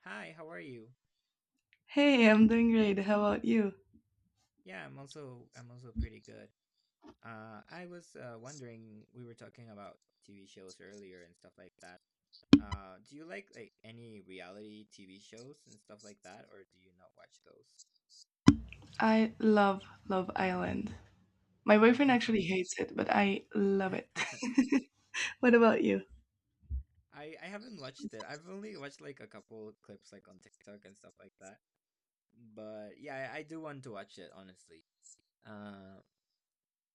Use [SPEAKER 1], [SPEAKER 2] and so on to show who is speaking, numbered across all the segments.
[SPEAKER 1] Hi, how are you?
[SPEAKER 2] Hey, I'm doing great. How about you?
[SPEAKER 1] Yeah, I'm also pretty good. I was wondering, we were talking about TV shows earlier and stuff like that. Do you like any reality TV shows and stuff like that, or do you not watch those?
[SPEAKER 2] I love Love Island. My boyfriend actually hates it, but I love it. What about you?
[SPEAKER 1] I haven't watched it. I've only watched like a couple clips like on TikTok and stuff like that. But yeah, I do want to watch it honestly. Uh,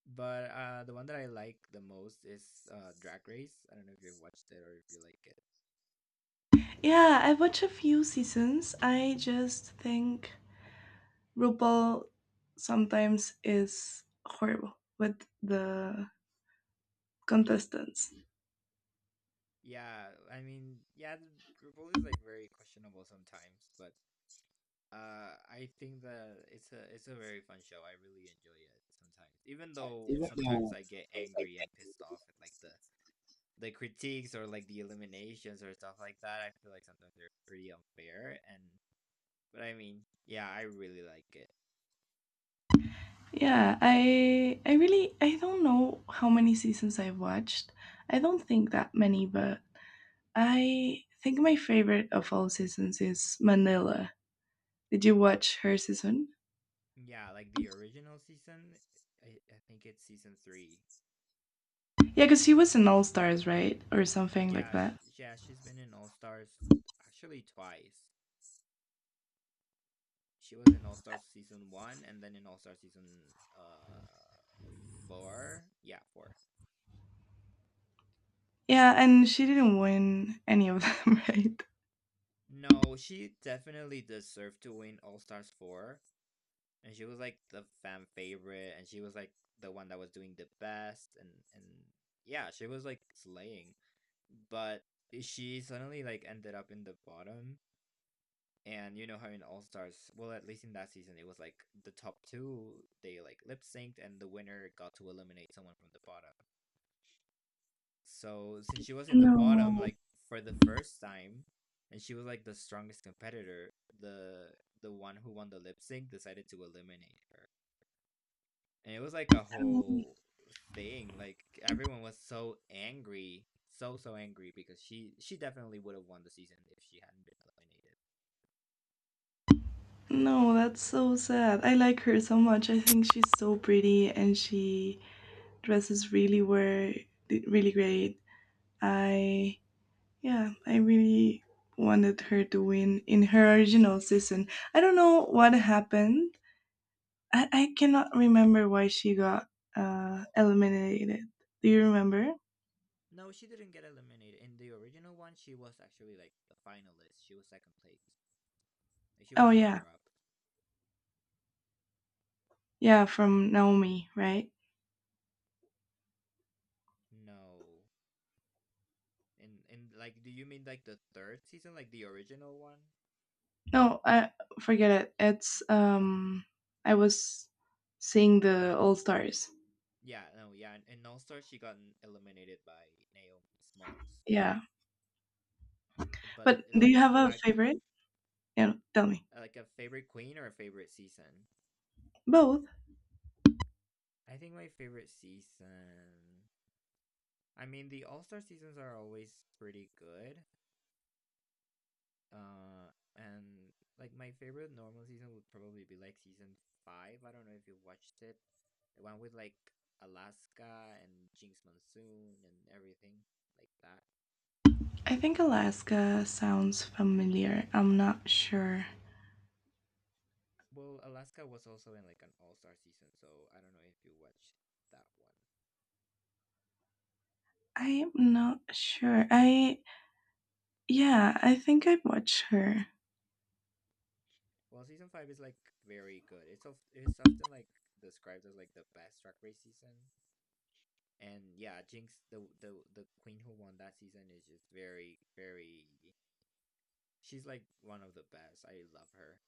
[SPEAKER 1] but the one that I like the most is Drag Race. I don't know if you've watched it or if you like it.
[SPEAKER 2] Yeah, I watch a few seasons. I just think RuPaul sometimes is horrible with the contestants.
[SPEAKER 1] Yeah, I mean, yeah, the Rivoli is like very questionable sometimes, but I think that it's a very fun show. I really enjoy it sometimes, even though
[SPEAKER 2] Even
[SPEAKER 1] sometimes
[SPEAKER 2] though
[SPEAKER 1] I get
[SPEAKER 2] sometimes I.
[SPEAKER 1] angry and pissed off at like the critiques or like the eliminations or stuff like that. I feel like sometimes they're pretty unfair, and but I mean, yeah, I really like it.
[SPEAKER 2] Yeah, I really, I don't know how many seasons I've watched. I don't think that many, but I think my favorite of all seasons is Manila. Did you watch her season?
[SPEAKER 1] Yeah, like the original season, I think it's season three.
[SPEAKER 2] Yeah, because she was in All Stars, right? Or something like
[SPEAKER 1] Yeah,
[SPEAKER 2] that.
[SPEAKER 1] she's been in All Stars actually twice. She was in All Stars season one and then in All Star season uh four. Yeah, four.
[SPEAKER 2] Yeah, and she didn't win any of them, right?
[SPEAKER 1] No, she definitely deserved to win All Stars four, and she was like the fan favorite, and she was like the one that was doing the best, and yeah, she was like slaying. But she suddenly like ended up in the bottom. And you know how in All Stars, well, at least in that season, it was like the top two, they like lip synced, and the winner got to eliminate someone from the bottom. So since she was in the bottom
[SPEAKER 2] No,
[SPEAKER 1] like for the first time, and she was like the strongest competitor, the the one who won the lip sync decided to eliminate her, and it was like a
[SPEAKER 2] um,
[SPEAKER 1] whole thing. Like everyone was so angry, so angry because she definitely would have won the season if she hadn't been eliminated.
[SPEAKER 2] no, that's so sad. I like her so much. I think she's so pretty and she dresses really well, really great. I, yeah, I really wanted her to win in her original season. I don't know what happened. I cannot remember why she got eliminated. Do you remember?
[SPEAKER 1] No, she didn't get eliminated. In the original one, she was actually like the finalist. She was second place. Like, she was
[SPEAKER 2] Oh
[SPEAKER 1] a
[SPEAKER 2] yeah,
[SPEAKER 1] runner up.
[SPEAKER 2] yeah, from Naomi, right?
[SPEAKER 1] No. And like, do you mean like the third season, like the original one?
[SPEAKER 2] No, I forget it. It's I was seeing the All Stars.
[SPEAKER 1] Yeah, no, yeah, and also she got eliminated by Naomi Smalls.
[SPEAKER 2] Yeah,
[SPEAKER 1] But
[SPEAKER 2] but do you
[SPEAKER 1] like
[SPEAKER 2] have a
[SPEAKER 1] back,
[SPEAKER 2] favorite? Yeah, tell me.
[SPEAKER 1] like a favorite queen or a favorite season?
[SPEAKER 2] Both.
[SPEAKER 1] I think my favorite season. I mean, the All Star seasons are always pretty good. Uh, and like my favorite normal season would probably be like season five. I don't know if you watched it, the one with like Alaska and Jinx Monsoon and everything like that.
[SPEAKER 2] I think Alaska sounds familiar. I'm not sure.
[SPEAKER 1] Well, Alaska was also in like an all-star season, so I don't know if you watched that one.
[SPEAKER 2] I am not sure. I Yeah, I think I watched her.
[SPEAKER 1] Well, season five is like very good. It's often like described as like the best Drag Race season. And yeah, Jinx, the queen who won that season is just very, very. She's like one of the best. I love her.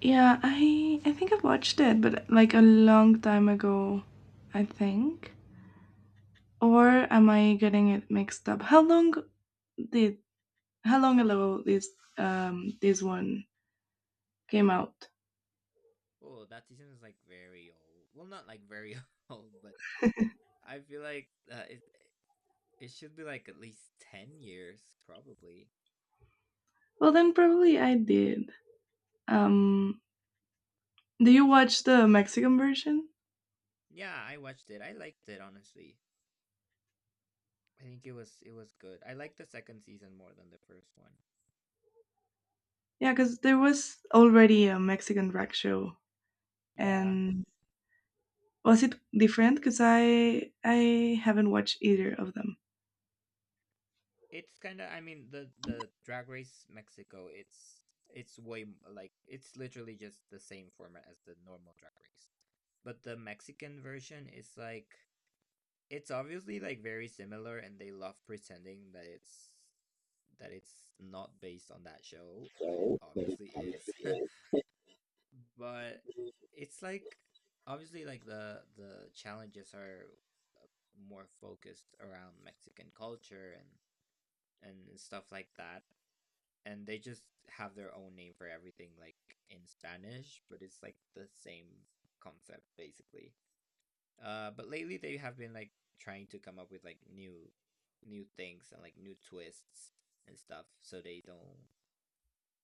[SPEAKER 2] Yeah, I think I've watched it, but like a long time ago, I think. Or am I getting it mixed up? Did how long ago this one came out?
[SPEAKER 1] Oh, that season is like very old. Well, not like very old, but I feel like it should be like at least 10 years probably.
[SPEAKER 2] Well, then probably I did. Um, do you watch the Mexican version?
[SPEAKER 1] Yeah, I watched it. I liked it honestly. I think it was good. I like the second season more than the first one.
[SPEAKER 2] Yeah, because there was already a Mexican drag show,
[SPEAKER 1] Yeah,
[SPEAKER 2] and was it different? Because I haven't watched either of them.
[SPEAKER 1] it's kind of. I mean, the Drag Race Mexico. It's way like it's literally just the same format as the normal Drag Race, but the Mexican version is like it's obviously like very similar, and they love pretending that it's not based on that show, but it obviously is. But it's like obviously like the challenges are uh, more focused around Mexican culture and stuff like that. And they just have their own name for everything like in Spanish, but it's like the same concept basically. But lately they have been like trying to come up with like new things and like new twists and stuff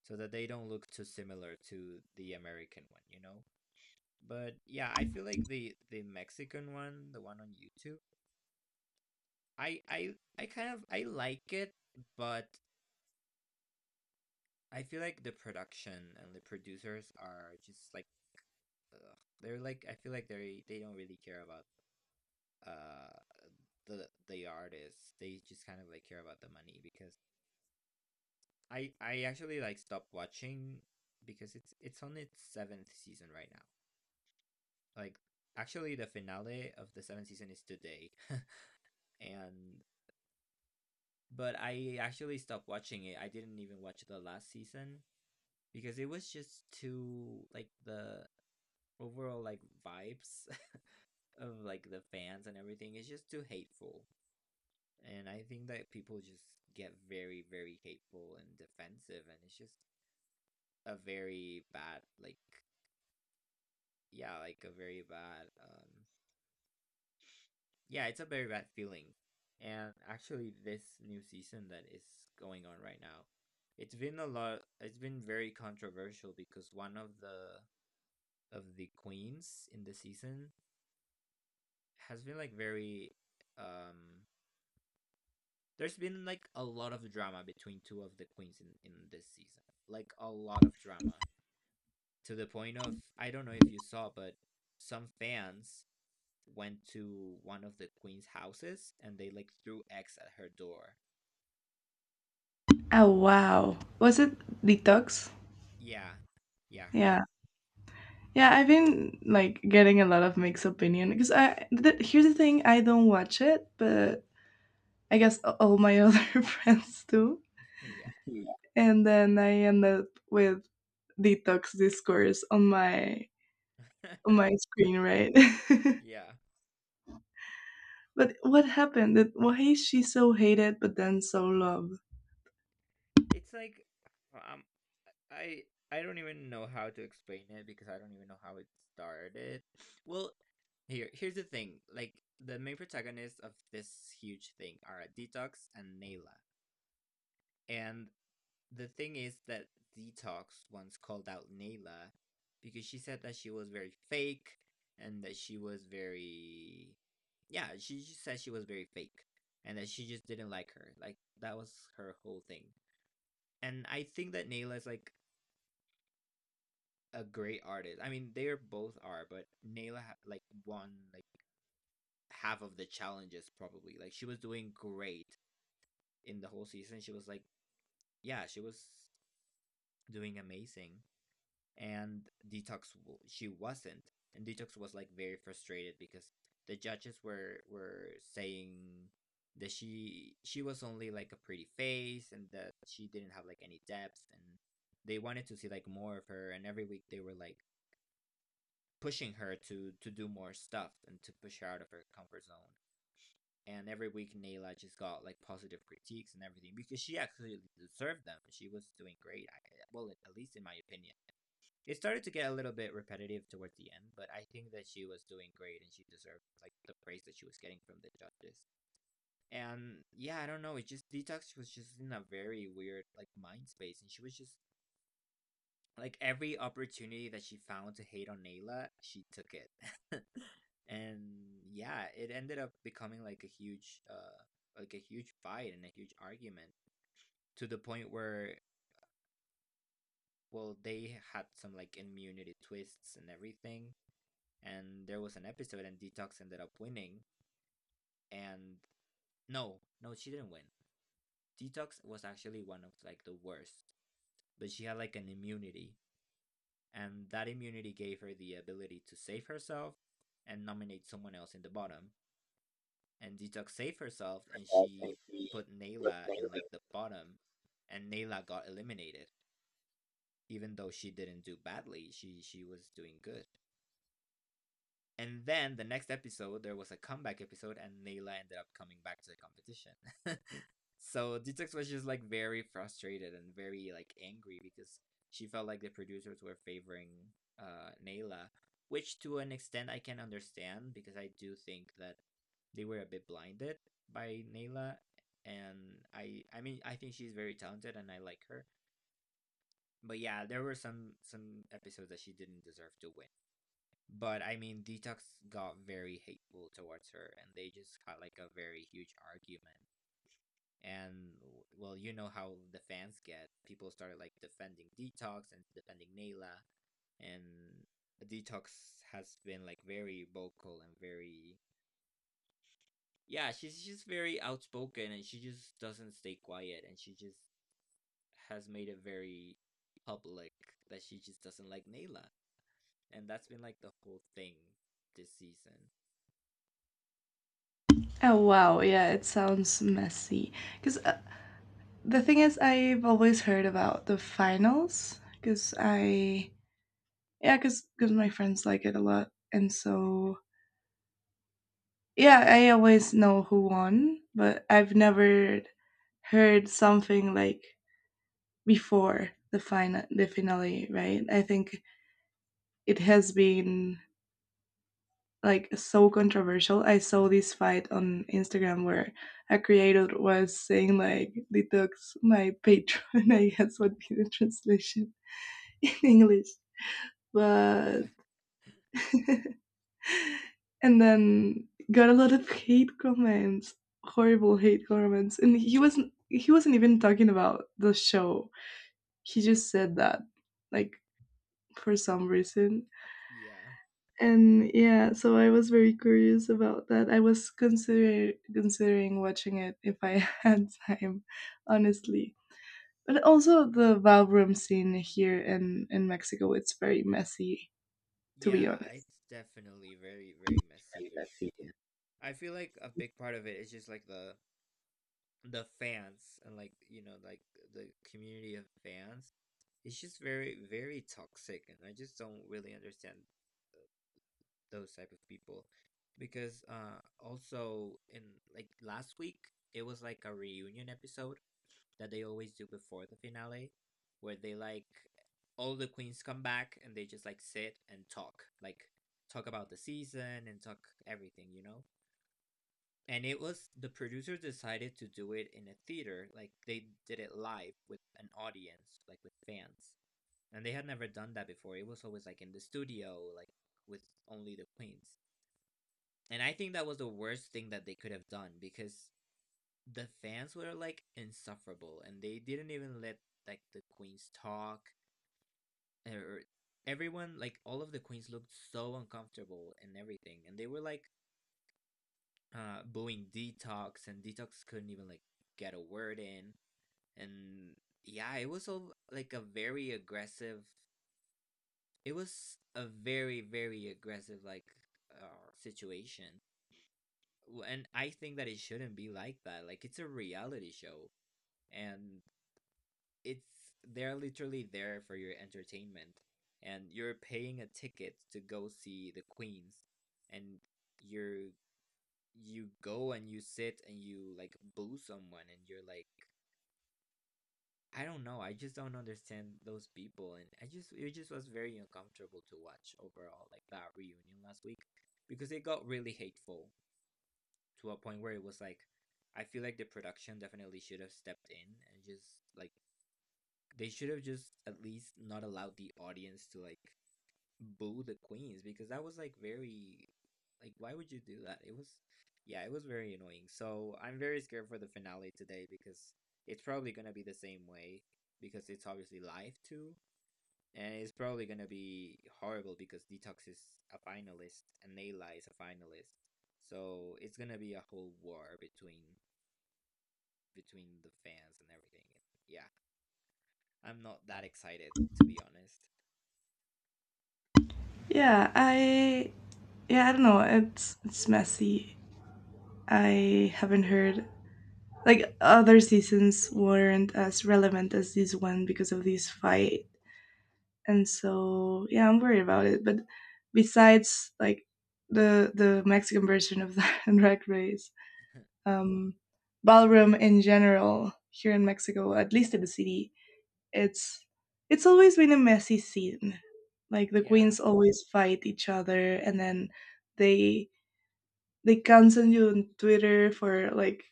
[SPEAKER 1] so that they don't look too similar to the American one, you know? But yeah, I feel like the Mexican one, the one on YouTube, I kind of I like it, but I feel like the production and the producers are just like ugh, they're like I feel like they don't really care about uh the artists. They just kind of like care about the money because I actually like stopped watching because it's on its seventh season right now. Like actually the finale of the seventh season is today. and but I actually stopped watching it. I didn't even watch the last season because it was just too like the overall like vibes of like the fans and everything is just too hateful. And I think that people just get very, very hateful and defensive, and it's just a very bad, like, yeah, like a very bad. Yeah, it's a very bad feeling. And actually, this new season that is going on right now, it's been a lot. It's been very controversial because one of the queens in the season has been like very. Um, there's been like a lot of drama between two of the queens in this season. Like a lot of drama to the point of I don't know if you saw, but some fans went to one of the queen's houses and they like threw eggs at her door.
[SPEAKER 2] Oh wow. Was it Detox?
[SPEAKER 1] Yeah. Yeah,
[SPEAKER 2] Yeah.
[SPEAKER 1] her.
[SPEAKER 2] Yeah, I've been like getting a lot of mixed opinion because here's the thing, I don't watch it, but I guess all my other friends do.
[SPEAKER 1] Yeah.
[SPEAKER 2] Yeah. And then I end up with Detox discourse on my screen, right?
[SPEAKER 1] Yeah.
[SPEAKER 2] But what happened? Why is she so hated but then so loved?
[SPEAKER 1] It's like um I I don't even know how to explain it because I don't even know how it started. Well, here's the thing. Like the main protagonists of this huge thing are Detox and Nayla. And the thing is that Detox once called out Nayla because she said that she was very fake and that she was very yeah, she just said she was very fake and that she just didn't like her. Like that was her whole thing. And I think that Nayla is like a great artist. I mean, they are both are, but Nayla like won like half of the challenges probably. Like she was doing great in the whole season. She was like, yeah, she was doing amazing. And Detox she wasn't, and Detox was like very frustrated because the judges were saying that she was only like a pretty face and that she didn't have like any depth, and they wanted to see like more of her, and every week they were like pushing her to do more stuff and to push her out of her comfort zone, and every week Nayla just got like positive critiques and everything because she actually deserved them, she was doing great. Well, at least in my opinion, it started to get a little bit repetitive towards the end, but I think that she was doing great and she deserved like the praise that she was getting from the judges. And yeah, I don't know. It just Detox was just in a very weird like mind space, and she was just like every opportunity that she found to hate on Nayla, she took it. And yeah, it ended up becoming like a huge fight and a huge argument, to the point where well, they had some like immunity twists and everything, and there was an episode and Detox ended up winning, and no, no, she didn't win. Detox was actually one of like the worst, but she had like an immunity, and that immunity gave her the ability to save herself and nominate someone else in the bottom. And Detox saved herself and she put Nayla in like the bottom, and Nayla got eliminated. Even though she didn't do badly, she was doing good. And then the next episode, there was a comeback episode, and Nayla ended up coming back to the competition. So Detox was just like very frustrated and very like angry because she felt like the producers were favoring Nayla, which to an extent I can understand because I do think that they were a bit blinded by Nayla, and I mean I think she's very talented and I like her. But yeah, there were some episodes that she didn't deserve to win. But I mean, Detox got very hateful towards her, and they just had like a very huge argument. And well, you know how the fans get. People started like defending Detox and defending Nayla, and Detox has been like very vocal and very yeah, she's just very outspoken and she just doesn't stay quiet and she just has made it very public that she just doesn't like Nayla. And that's been like the whole thing this season.
[SPEAKER 2] Oh wow, yeah, it sounds messy. Because The thing is, I've always heard about the finals because yeah, because my friends like it a lot. And so, yeah, I always know who won, but I've never heard something like before the final, the finale, right? I think it has been like so controversial. I saw this fight on Instagram where a creator was saying like Detox my patron. I guess would be the translation in English. But
[SPEAKER 1] Yeah.
[SPEAKER 2] and then got a lot of hate comments, horrible hate comments, and he wasn't even talking about the show. He just said that, like, for some reason.
[SPEAKER 1] Yeah.
[SPEAKER 2] And yeah, so I was very curious about that. I was considering watching it if I had time, honestly. But also the ballroom scene here in Mexico, it's very messy, to be
[SPEAKER 1] Yeah,
[SPEAKER 2] honest.
[SPEAKER 1] it's definitely very, very messy.
[SPEAKER 2] Very messy.
[SPEAKER 1] I feel like a big part of it is just like the fans and like the community of fans. It's just very, very toxic, and I just don't really understand those type of people because also in like last week it was like a reunion episode that they always do before the finale, where they like all the queens come back and they just like sit and talk, like talk about the season and talk everything. And it was the producers decided to do it in a theater, like they did it live with an audience, like with fans. And they had never done that before. It was always like in the studio, like with only the queens. And I think that was the worst thing that they could have done because the fans were like insufferable and they didn't even let like the queens talk or everyone like all of the queens looked so uncomfortable and everything and they were like booing Detox, and Detox couldn't even like get a word in, and yeah, it was all like a very aggressive, it was a very, very aggressive, like, situation. And I think that it shouldn't be like that. Like, it's a reality show, and it's they're literally there for your entertainment, and you're paying a ticket to go see the queens. And you're, you go and you sit and you like boo someone, and you're like, I don't know, I just don't understand those people, and I just it just was very uncomfortable to watch overall, like that reunion last week, because it got really hateful to a point where it was like, I feel like the production definitely should have stepped in, and just like, they should have just at least not allowed the audience to like boo the queens because that was like very, like why would you do that? It was, yeah, it was very annoying. So I'm very scared for the finale today because it's probably gonna be the same way because it's obviously live too. And it's probably gonna be horrible because Detox is a finalist and Nayla is a finalist. So it's gonna be a whole war between between the fans and everything. Yeah, I'm not that excited to be honest.
[SPEAKER 2] Yeah, I yeah, I don't know. It's messy. I haven't heard like other seasons weren't as relevant as this one because of this fight, and so yeah, I'm worried about it. But besides like the Mexican version of the Drag Race, um, ballroom in general here in Mexico, at least in the city, it's it's always been a messy scene. Like the
[SPEAKER 1] Yeah.
[SPEAKER 2] queens always fight each other, and then they they cancel you on Twitter for, like,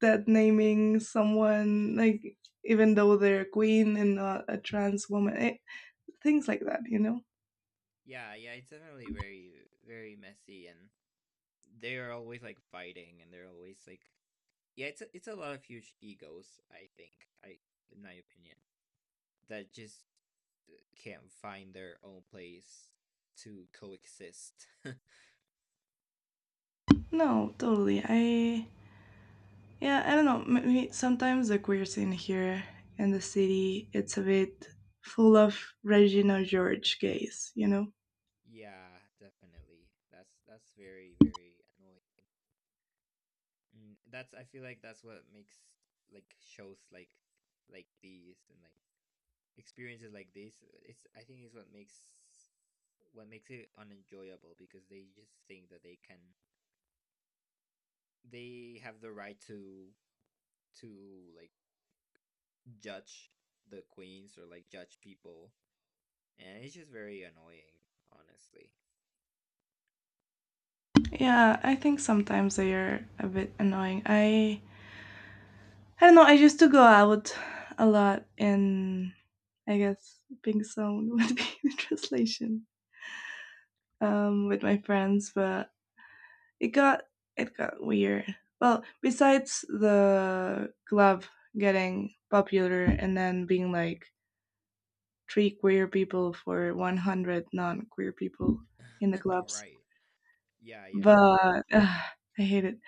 [SPEAKER 2] that naming someone, like, even though they're a queen and not a trans woman, eh, things like that, you know.
[SPEAKER 1] Yeah, yeah, it's definitely very, very messy, and they are always like fighting and they're always like, yeah, it's a lot of huge egos, I think. I in my opinion that just can't find their own place to coexist.
[SPEAKER 2] No, totally. I Yeah, I don't know. Maybe sometimes the queer scene here in the city, it's a bit full of Regina George gays, you know.
[SPEAKER 1] Yeah, definitely. That's very, very annoying. Mm, that's I feel like that's what makes like shows like these and like experiences like this, it's I think is what makes it unenjoyable because they just think that they can they have the right to like judge the queens or like judge people, and it's just very annoying honestly.
[SPEAKER 2] Yeah, I think sometimes they are a bit annoying. I don't know. I used to go out a lot in, I guess, Pink Zone would be the translation, with my friends, but it got it got weird. Well, besides the club getting popular and then being like three queer people for 100 non-queer people in the clubs,
[SPEAKER 1] Right, yeah, yeah,
[SPEAKER 2] but
[SPEAKER 1] yeah.
[SPEAKER 2] uh, I hate it.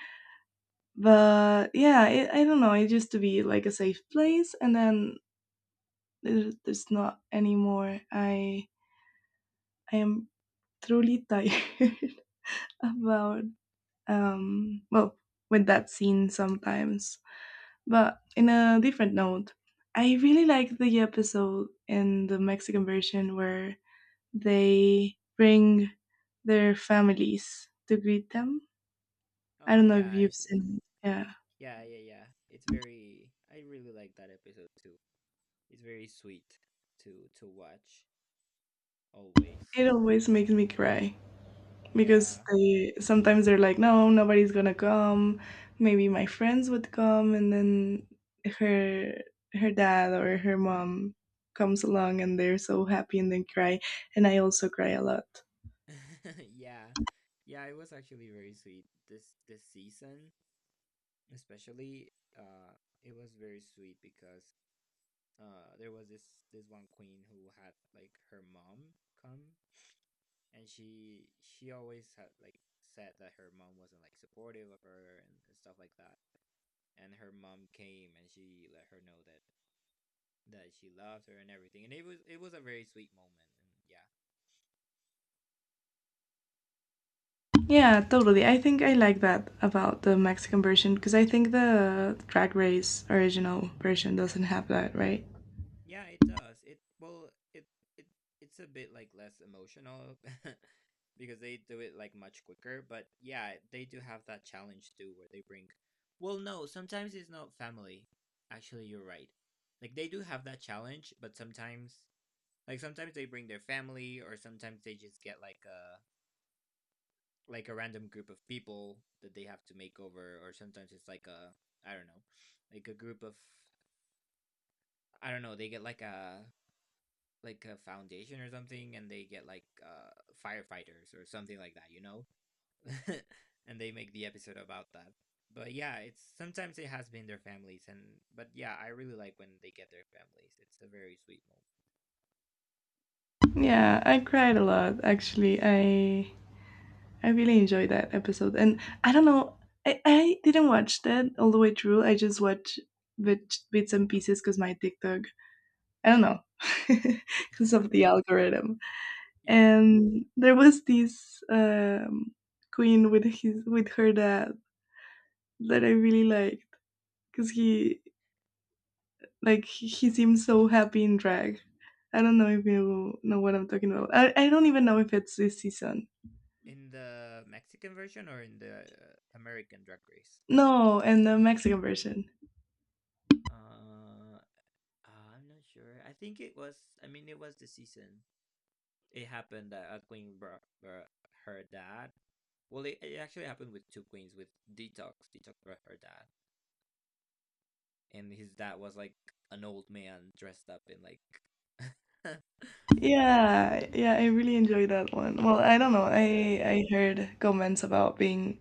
[SPEAKER 2] But yeah, I don't know. It used to be like a safe place, and then there's not anymore. I am truly tired about well, with that scene sometimes. But in a different note, I really like the episode in the Mexican version where they bring their families to greet them. I
[SPEAKER 1] Oh
[SPEAKER 2] don't know if
[SPEAKER 1] yeah,
[SPEAKER 2] you've
[SPEAKER 1] it's
[SPEAKER 2] seen it. Yeah.
[SPEAKER 1] yeah, yeah, yeah, it's very, I really like that episode too. It's very sweet to watch always.
[SPEAKER 2] It always makes me cry. Because
[SPEAKER 1] Yeah.
[SPEAKER 2] they sometimes they're like, no, nobody's gonna come, maybe my friends would come, and then her her dad or her mom comes along, and they're so happy and then cry, and I also cry a lot.
[SPEAKER 1] Yeah. Yeah, it was actually very sweet. This season especially, uh, it was very sweet because there was this this one queen who had like her mom come, and she always had like said that her mom wasn't like supportive of her and stuff like that. And her mom came and she let her know that that she loved her and everything. And it was a very sweet moment. And yeah,
[SPEAKER 2] Yeah, totally. I think I like that about the Mexican version because I think the Drag Race original version doesn't have that, right?
[SPEAKER 1] yeah, it does. It well, it it's a bit like less emotional because they do it like much quicker. But yeah, they do have that challenge too, where they bring. Well, no, sometimes it's not family. Actually, you're right. Like they do have that challenge, but sometimes, like sometimes they bring their family, or sometimes they just get like a random group of people that they have to make over, or sometimes it's like a, I don't know, like a group of, I don't know. They get like a foundation or something and they get like firefighters or something like that. And they make the episode about that. But yeah, it's sometimes it has been their families, and but yeah, I really like when they get their families. It's a very sweet
[SPEAKER 2] Yeah, I cried a lot, actually. I really enjoyed that episode, and I don't know. I didn't watch that all the way through. I just watched bits and pieces because my TikTok. I don't know because
[SPEAKER 1] moment.
[SPEAKER 2] of the algorithm.
[SPEAKER 1] Yeah,
[SPEAKER 2] And there was this queen with her dad that I really liked because he, like, he seems so happy in drag. I don't know if you know what I'm talking about. I don't even know if it's this season.
[SPEAKER 1] in the Mexican version or in the American Drag Race?
[SPEAKER 2] No, and the Mexican version.
[SPEAKER 1] uh I'm not sure. I think it was, I mean it was the season it happened that queen brought her dad. Well, it actually happened with two queens, with Detox. Detox brought her dad, and his dad was like an old man dressed up in like.
[SPEAKER 2] Yeah, yeah, I really enjoyed that one. Well, I don't know.
[SPEAKER 1] Yeah,
[SPEAKER 2] I heard comments about being,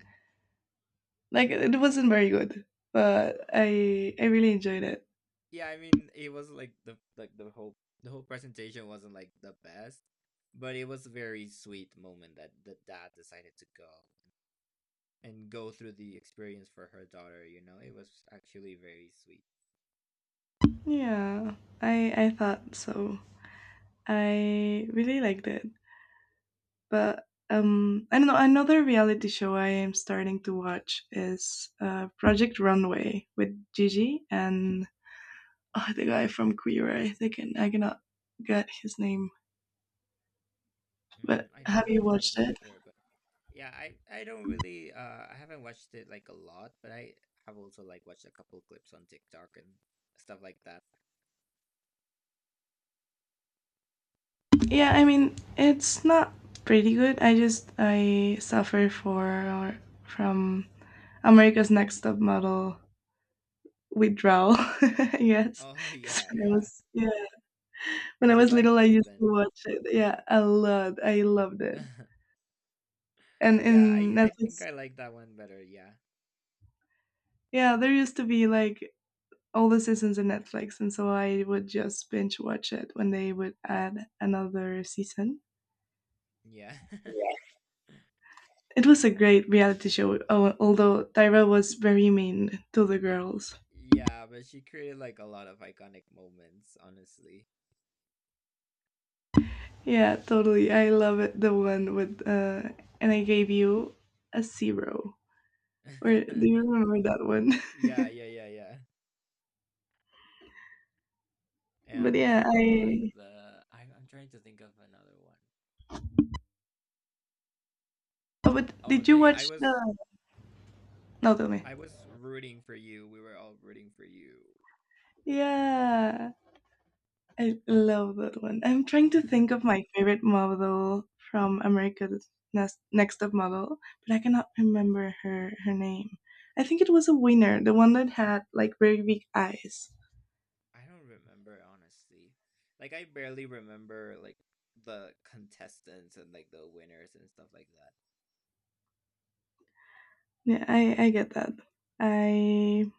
[SPEAKER 2] like, it wasn't very good, but I really enjoyed it.
[SPEAKER 1] yeah. I mean, it was like the whole presentation wasn't like the best, but it was a very sweet moment that the dad decided to go and go through the experience for her daughter. You know, it was actually very sweet.
[SPEAKER 2] Yeah, I thought so. I really liked it. But I don't know, another reality show I am starting to watch is Project Runway with Gigi and, oh, the guy from Queer Eye. I think I cannot get his name. But
[SPEAKER 1] Mm, I don't
[SPEAKER 2] have you
[SPEAKER 1] remember his
[SPEAKER 2] watched
[SPEAKER 1] name
[SPEAKER 2] it?
[SPEAKER 1] either, but yeah, I don't really I haven't watched it like a lot, but I have also like watched a couple clips on TikTok and stuff like that.
[SPEAKER 2] Yeah, I mean, it's not pretty good. I just I suffer for from America's Next Top Model withdrawal. Yes,
[SPEAKER 1] Oh
[SPEAKER 2] because
[SPEAKER 1] yeah,
[SPEAKER 2] when I
[SPEAKER 1] yeah.
[SPEAKER 2] was yeah when I
[SPEAKER 1] You
[SPEAKER 2] was little,
[SPEAKER 1] liked
[SPEAKER 2] I
[SPEAKER 1] it
[SPEAKER 2] used to
[SPEAKER 1] then.
[SPEAKER 2] watch it. Yeah, a lot. I loved it. And
[SPEAKER 1] Yeah,
[SPEAKER 2] in
[SPEAKER 1] I think
[SPEAKER 2] Netflix,
[SPEAKER 1] I like that one better. Yeah.
[SPEAKER 2] yeah, there used to be like all the seasons in Netflix, and so I would just binge watch it when they would add another season.
[SPEAKER 1] Yeah.
[SPEAKER 2] It was a great reality show, although Tyra was very mean to the girls.
[SPEAKER 1] Yeah, but she created like a lot of iconic moments, honestly.
[SPEAKER 2] Yeah, totally. I love it. The one with and I gave you a zero. Or do you remember that one?
[SPEAKER 1] Yeah, yeah, yeah, yeah.
[SPEAKER 2] But
[SPEAKER 1] And
[SPEAKER 2] yeah,
[SPEAKER 1] for oh like
[SPEAKER 2] I.
[SPEAKER 1] the I'm trying to think of another one.
[SPEAKER 2] Oh, but
[SPEAKER 1] Oh,
[SPEAKER 2] did you
[SPEAKER 1] they
[SPEAKER 2] watch the? No, tell me.
[SPEAKER 1] I was rooting for you. We were all rooting for you.
[SPEAKER 2] Yeah, I love that one. I'm trying
[SPEAKER 1] I
[SPEAKER 2] to think of my favorite model from America's Next Top Model, but I cannot remember her name. I think it was a winner, the one that had like very big eyes.
[SPEAKER 1] don't remember honestly. Like I barely remember like the contestants and like the winners and stuff like
[SPEAKER 2] Yeah, I get that. I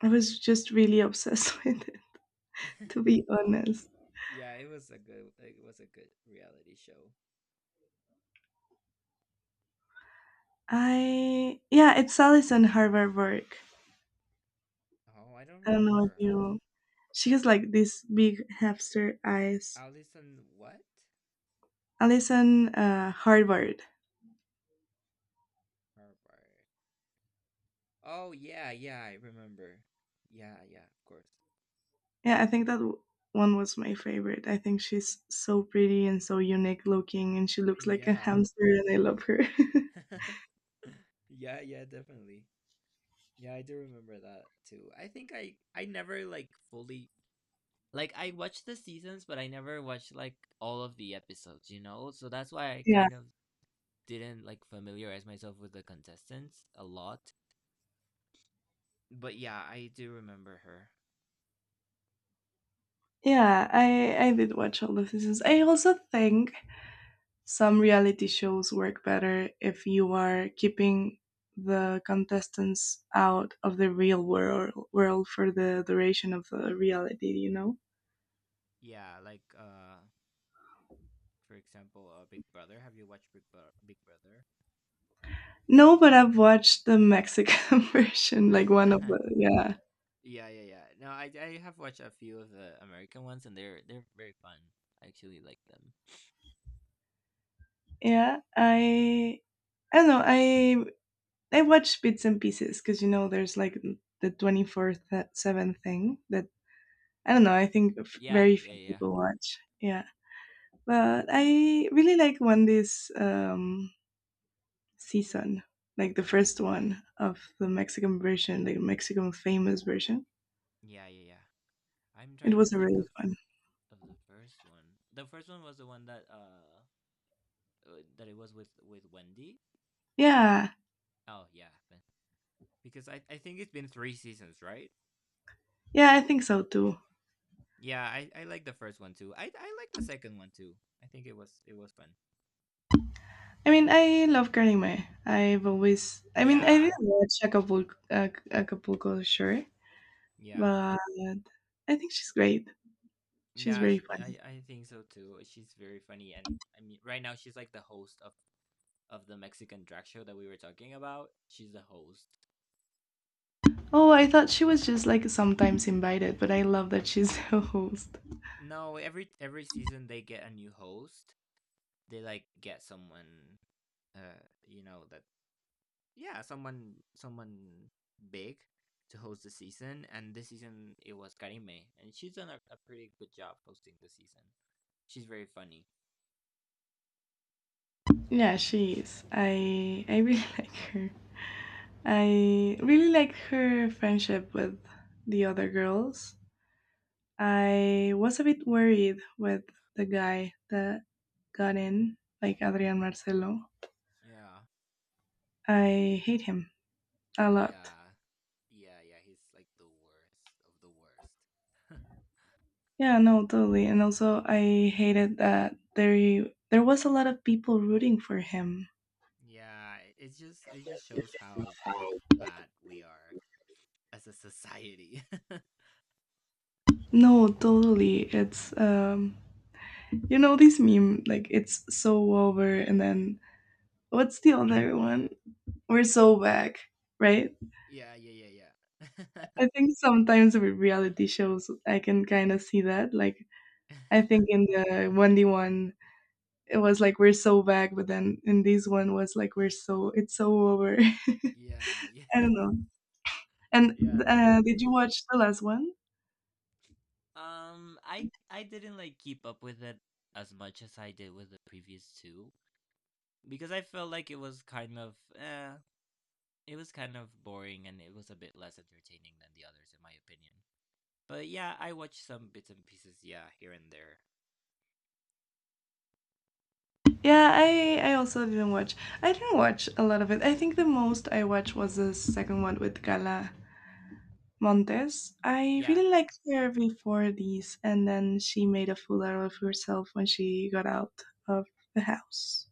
[SPEAKER 2] I was just really obsessed with it,
[SPEAKER 1] that.
[SPEAKER 2] to be honest.
[SPEAKER 1] Yeah, it was a good it was a good reality show.
[SPEAKER 2] I Yeah, it's Alison Harvard work.
[SPEAKER 1] Oh, I don't
[SPEAKER 2] I don't know if
[SPEAKER 1] remember her.
[SPEAKER 2] you. She has like these big hamster eyes.
[SPEAKER 1] Allison what?
[SPEAKER 2] Alison Harvard.
[SPEAKER 1] Harvard. Oh yeah, yeah, I remember. Yeah, yeah, of course.
[SPEAKER 2] Yeah, I think that one was my favorite. I think she's so pretty and so unique looking, and she looks like a
[SPEAKER 1] Yeah.
[SPEAKER 2] hamster, and I love her.
[SPEAKER 1] Yeah, yeah, definitely. Yeah, I do remember that too. I think I never like fully like I watched the seasons, but I never watched like all of the episodes, you know? So that's why I
[SPEAKER 2] Yeah,
[SPEAKER 1] kind of didn't like familiarize myself with the contestants a lot. But yeah, I do remember her.
[SPEAKER 2] yeah. I did watch all the seasons. I also think some reality shows work better if you are keeping the contestants out of the real world for the duration of the reality, you know?
[SPEAKER 1] Yeah, like for example, Big Brother. Have you watched Big Brother?
[SPEAKER 2] No, but I've watched the Mexican version, like one of the, yeah.
[SPEAKER 1] Yeah, yeah, yeah. No, I have watched a few of the American ones and they're very fun. I actually like them.
[SPEAKER 2] Yeah, I don't know, I watch bits and pieces because you know there's like the 24/7 thing that I don't know, I think
[SPEAKER 1] Yeah,
[SPEAKER 2] very
[SPEAKER 1] yeah,
[SPEAKER 2] few
[SPEAKER 1] yeah.
[SPEAKER 2] people watch. Yeah. But I really like when these season, like the first one of the Mexican version, the Mexican famous version.
[SPEAKER 1] Yeah, yeah, yeah. I'm
[SPEAKER 2] It
[SPEAKER 1] trying to
[SPEAKER 2] was
[SPEAKER 1] think
[SPEAKER 2] really fun.
[SPEAKER 1] of the first one. The first one was the one that that it was with Wendy.
[SPEAKER 2] Yeah,
[SPEAKER 1] Oh yeah, then- because I think it's been three seasons, right?
[SPEAKER 2] yeah, I think so too.
[SPEAKER 1] Yeah, I like the first one too. I like the second one too. I think it was fun.
[SPEAKER 2] I mean, I love Karime. I've always, I mean, I didn't
[SPEAKER 1] Yeah,
[SPEAKER 2] watch Acapulco, Acapulco sure,
[SPEAKER 1] yeah,
[SPEAKER 2] but I think she's great. She's
[SPEAKER 1] yeah.
[SPEAKER 2] very
[SPEAKER 1] She,
[SPEAKER 2] funny.
[SPEAKER 1] I think so too. She's very funny, and I mean, right now she's like the host of the Mexican drag show that we were talking about. She's the host.
[SPEAKER 2] Oh, I thought she was just like sometimes invited, but I love that she's a host.
[SPEAKER 1] No, every season they get a new host, they like get someone you know that, yeah, someone someone big to host the season, and this season it was Karime, and she's done a pretty good job hosting the season. She's very funny.
[SPEAKER 2] Yeah, she is. I really like her. I really liked her friendship with the other girls. I was a bit worried with the guy that got in, like Adrian Marcelo.
[SPEAKER 1] Yeah.
[SPEAKER 2] I hate him a lot.
[SPEAKER 1] Yeah. Yeah, yeah, he's like the worst of the worst.
[SPEAKER 2] Yeah, no, totally. And also, I hated that there was a lot of people rooting for him.
[SPEAKER 1] Yeah, it- it's just it just shows how like bad we are as a society.
[SPEAKER 2] No, totally. It's you know this meme like it's so over, and then what's the other one? We're so back, right?
[SPEAKER 1] Yeah, yeah, yeah,
[SPEAKER 2] I think sometimes with reality shows, I can kind of see that. Like, I
[SPEAKER 1] yeah.
[SPEAKER 2] think in the 1D1, it was like, we're so back, but then in this one was like, we're so, it's so over.
[SPEAKER 1] Yeah,
[SPEAKER 2] I
[SPEAKER 1] yeah.
[SPEAKER 2] don't know.
[SPEAKER 1] Yeah,
[SPEAKER 2] And did you
[SPEAKER 1] definitely.
[SPEAKER 2] watch the last one?
[SPEAKER 1] I didn't like keep up with it as much as I did with the previous two because I felt like it was kind of it was kind of boring and it was a bit less entertaining than the others in my opinion. But yeah, I watched some bits and pieces, yeah, here and there.
[SPEAKER 2] Yeah, I also didn't watch. I didn't watch a lot of it. I think the most I watched was the second one with Gala Montes. I
[SPEAKER 1] Yeah,
[SPEAKER 2] really liked her before these, and then she made a fool out of herself when she got out of the house.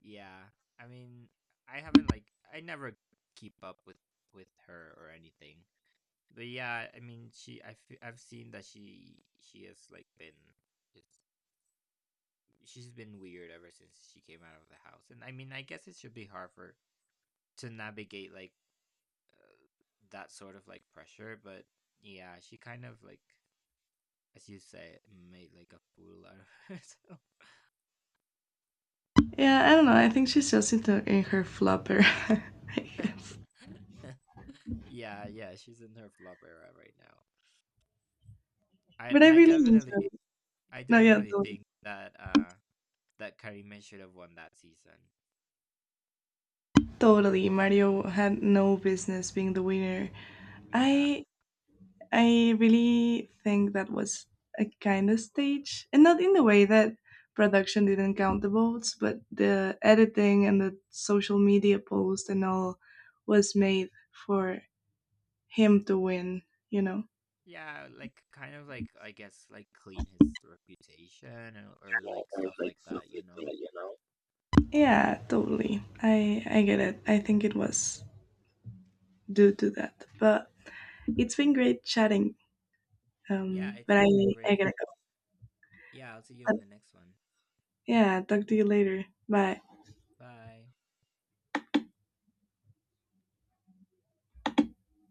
[SPEAKER 1] yeah. I mean, I haven't like I never keep up with her or anything. But yeah, I mean, she I've seen that she has like been just she's been weird ever since she came out of the house. And I mean, I guess it should be hard for to navigate like that sort of like pressure, but yeah, she kind of like as you say, made like a fool out of herself.
[SPEAKER 2] Yeah, I don't know. I think she's just into in her flopper, I guess.
[SPEAKER 1] Yeah, yeah, she's in her flop era right now. I
[SPEAKER 2] But I
[SPEAKER 1] and
[SPEAKER 2] really enjoyed it.
[SPEAKER 1] I
[SPEAKER 2] No, yeah,
[SPEAKER 1] definitely think that that Karima should have won that season.
[SPEAKER 2] totally. Mario had no business being the winner.
[SPEAKER 1] Yeah.
[SPEAKER 2] I I really think that was a kind of stage, and not in the way that production didn't count the votes, but the editing and the social media post and all was made for him to win. You know?
[SPEAKER 1] Yeah, like kind of like I guess like clean his reputation or like stuff like that, you know.
[SPEAKER 2] Yeah, totally. I get it. I think it was due to that. But it's been great chatting,
[SPEAKER 1] Yeah,
[SPEAKER 2] but I,
[SPEAKER 1] it's been
[SPEAKER 2] I
[SPEAKER 1] great.
[SPEAKER 2] gotta go.
[SPEAKER 1] Yeah, I'll see you
[SPEAKER 2] But
[SPEAKER 1] in the next one.
[SPEAKER 2] yeah, talk to you later. Bye.
[SPEAKER 1] Bye.